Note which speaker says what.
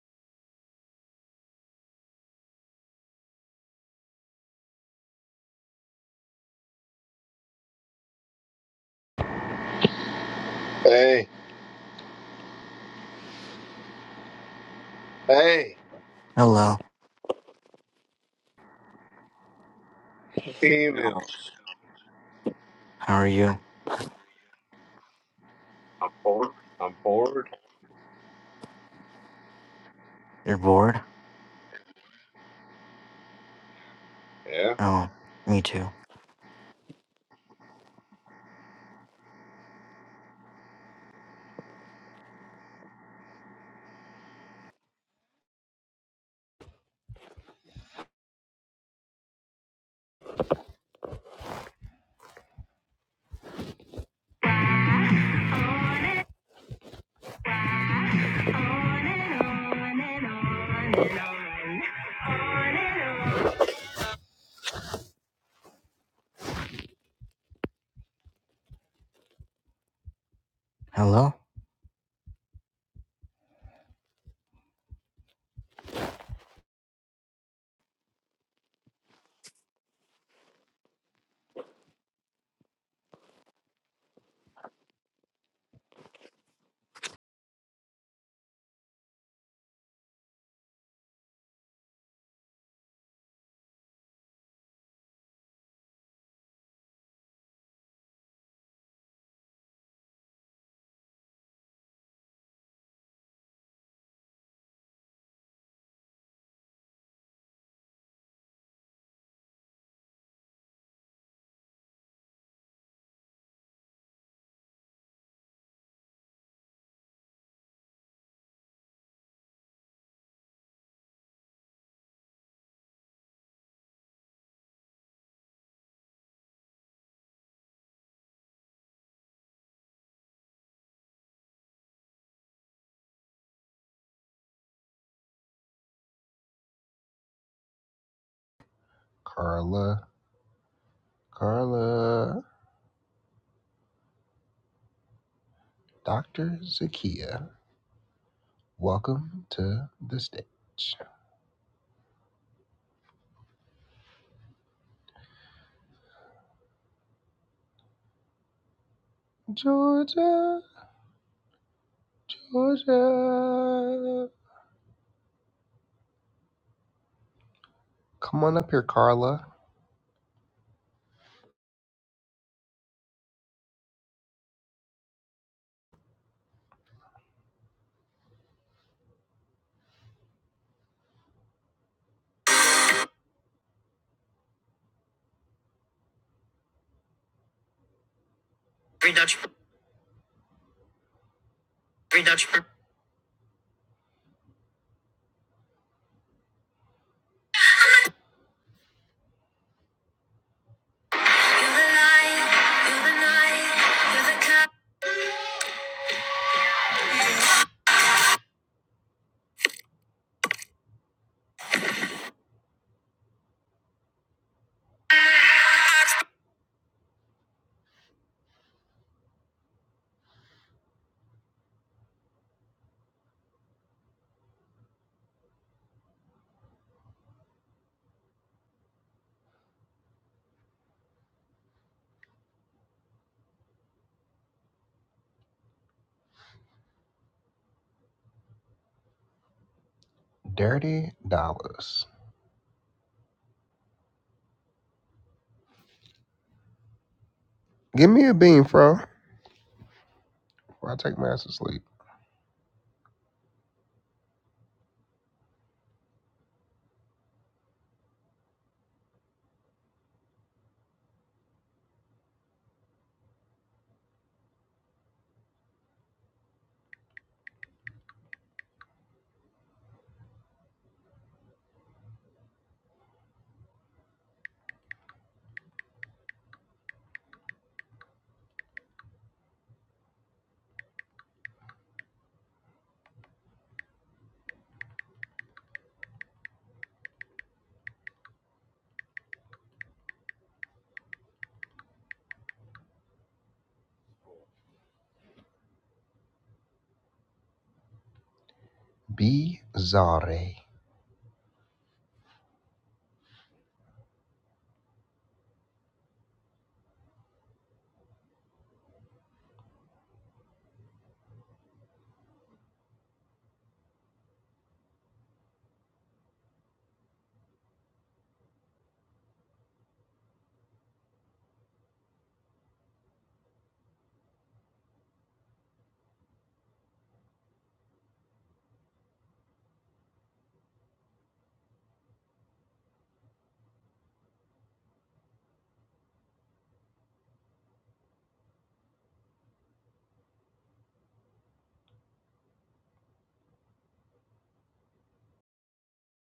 Speaker 1: Hey, hey,
Speaker 2: Hello,
Speaker 1: females.
Speaker 2: how are you?
Speaker 1: I'm bored.
Speaker 2: You're bored?
Speaker 1: Yeah.
Speaker 2: Oh, me too. Hello?
Speaker 3: Carla, Carla, Dr. Zakia, welcome to the stage. Georgia, Georgia. Come on up here, Carla. Free Dutch, free Dutch. You're the light, you're the light, you're the cup. Dirty dollars. Give me a bean, bro, before I take my ass to sleep. Bizarre.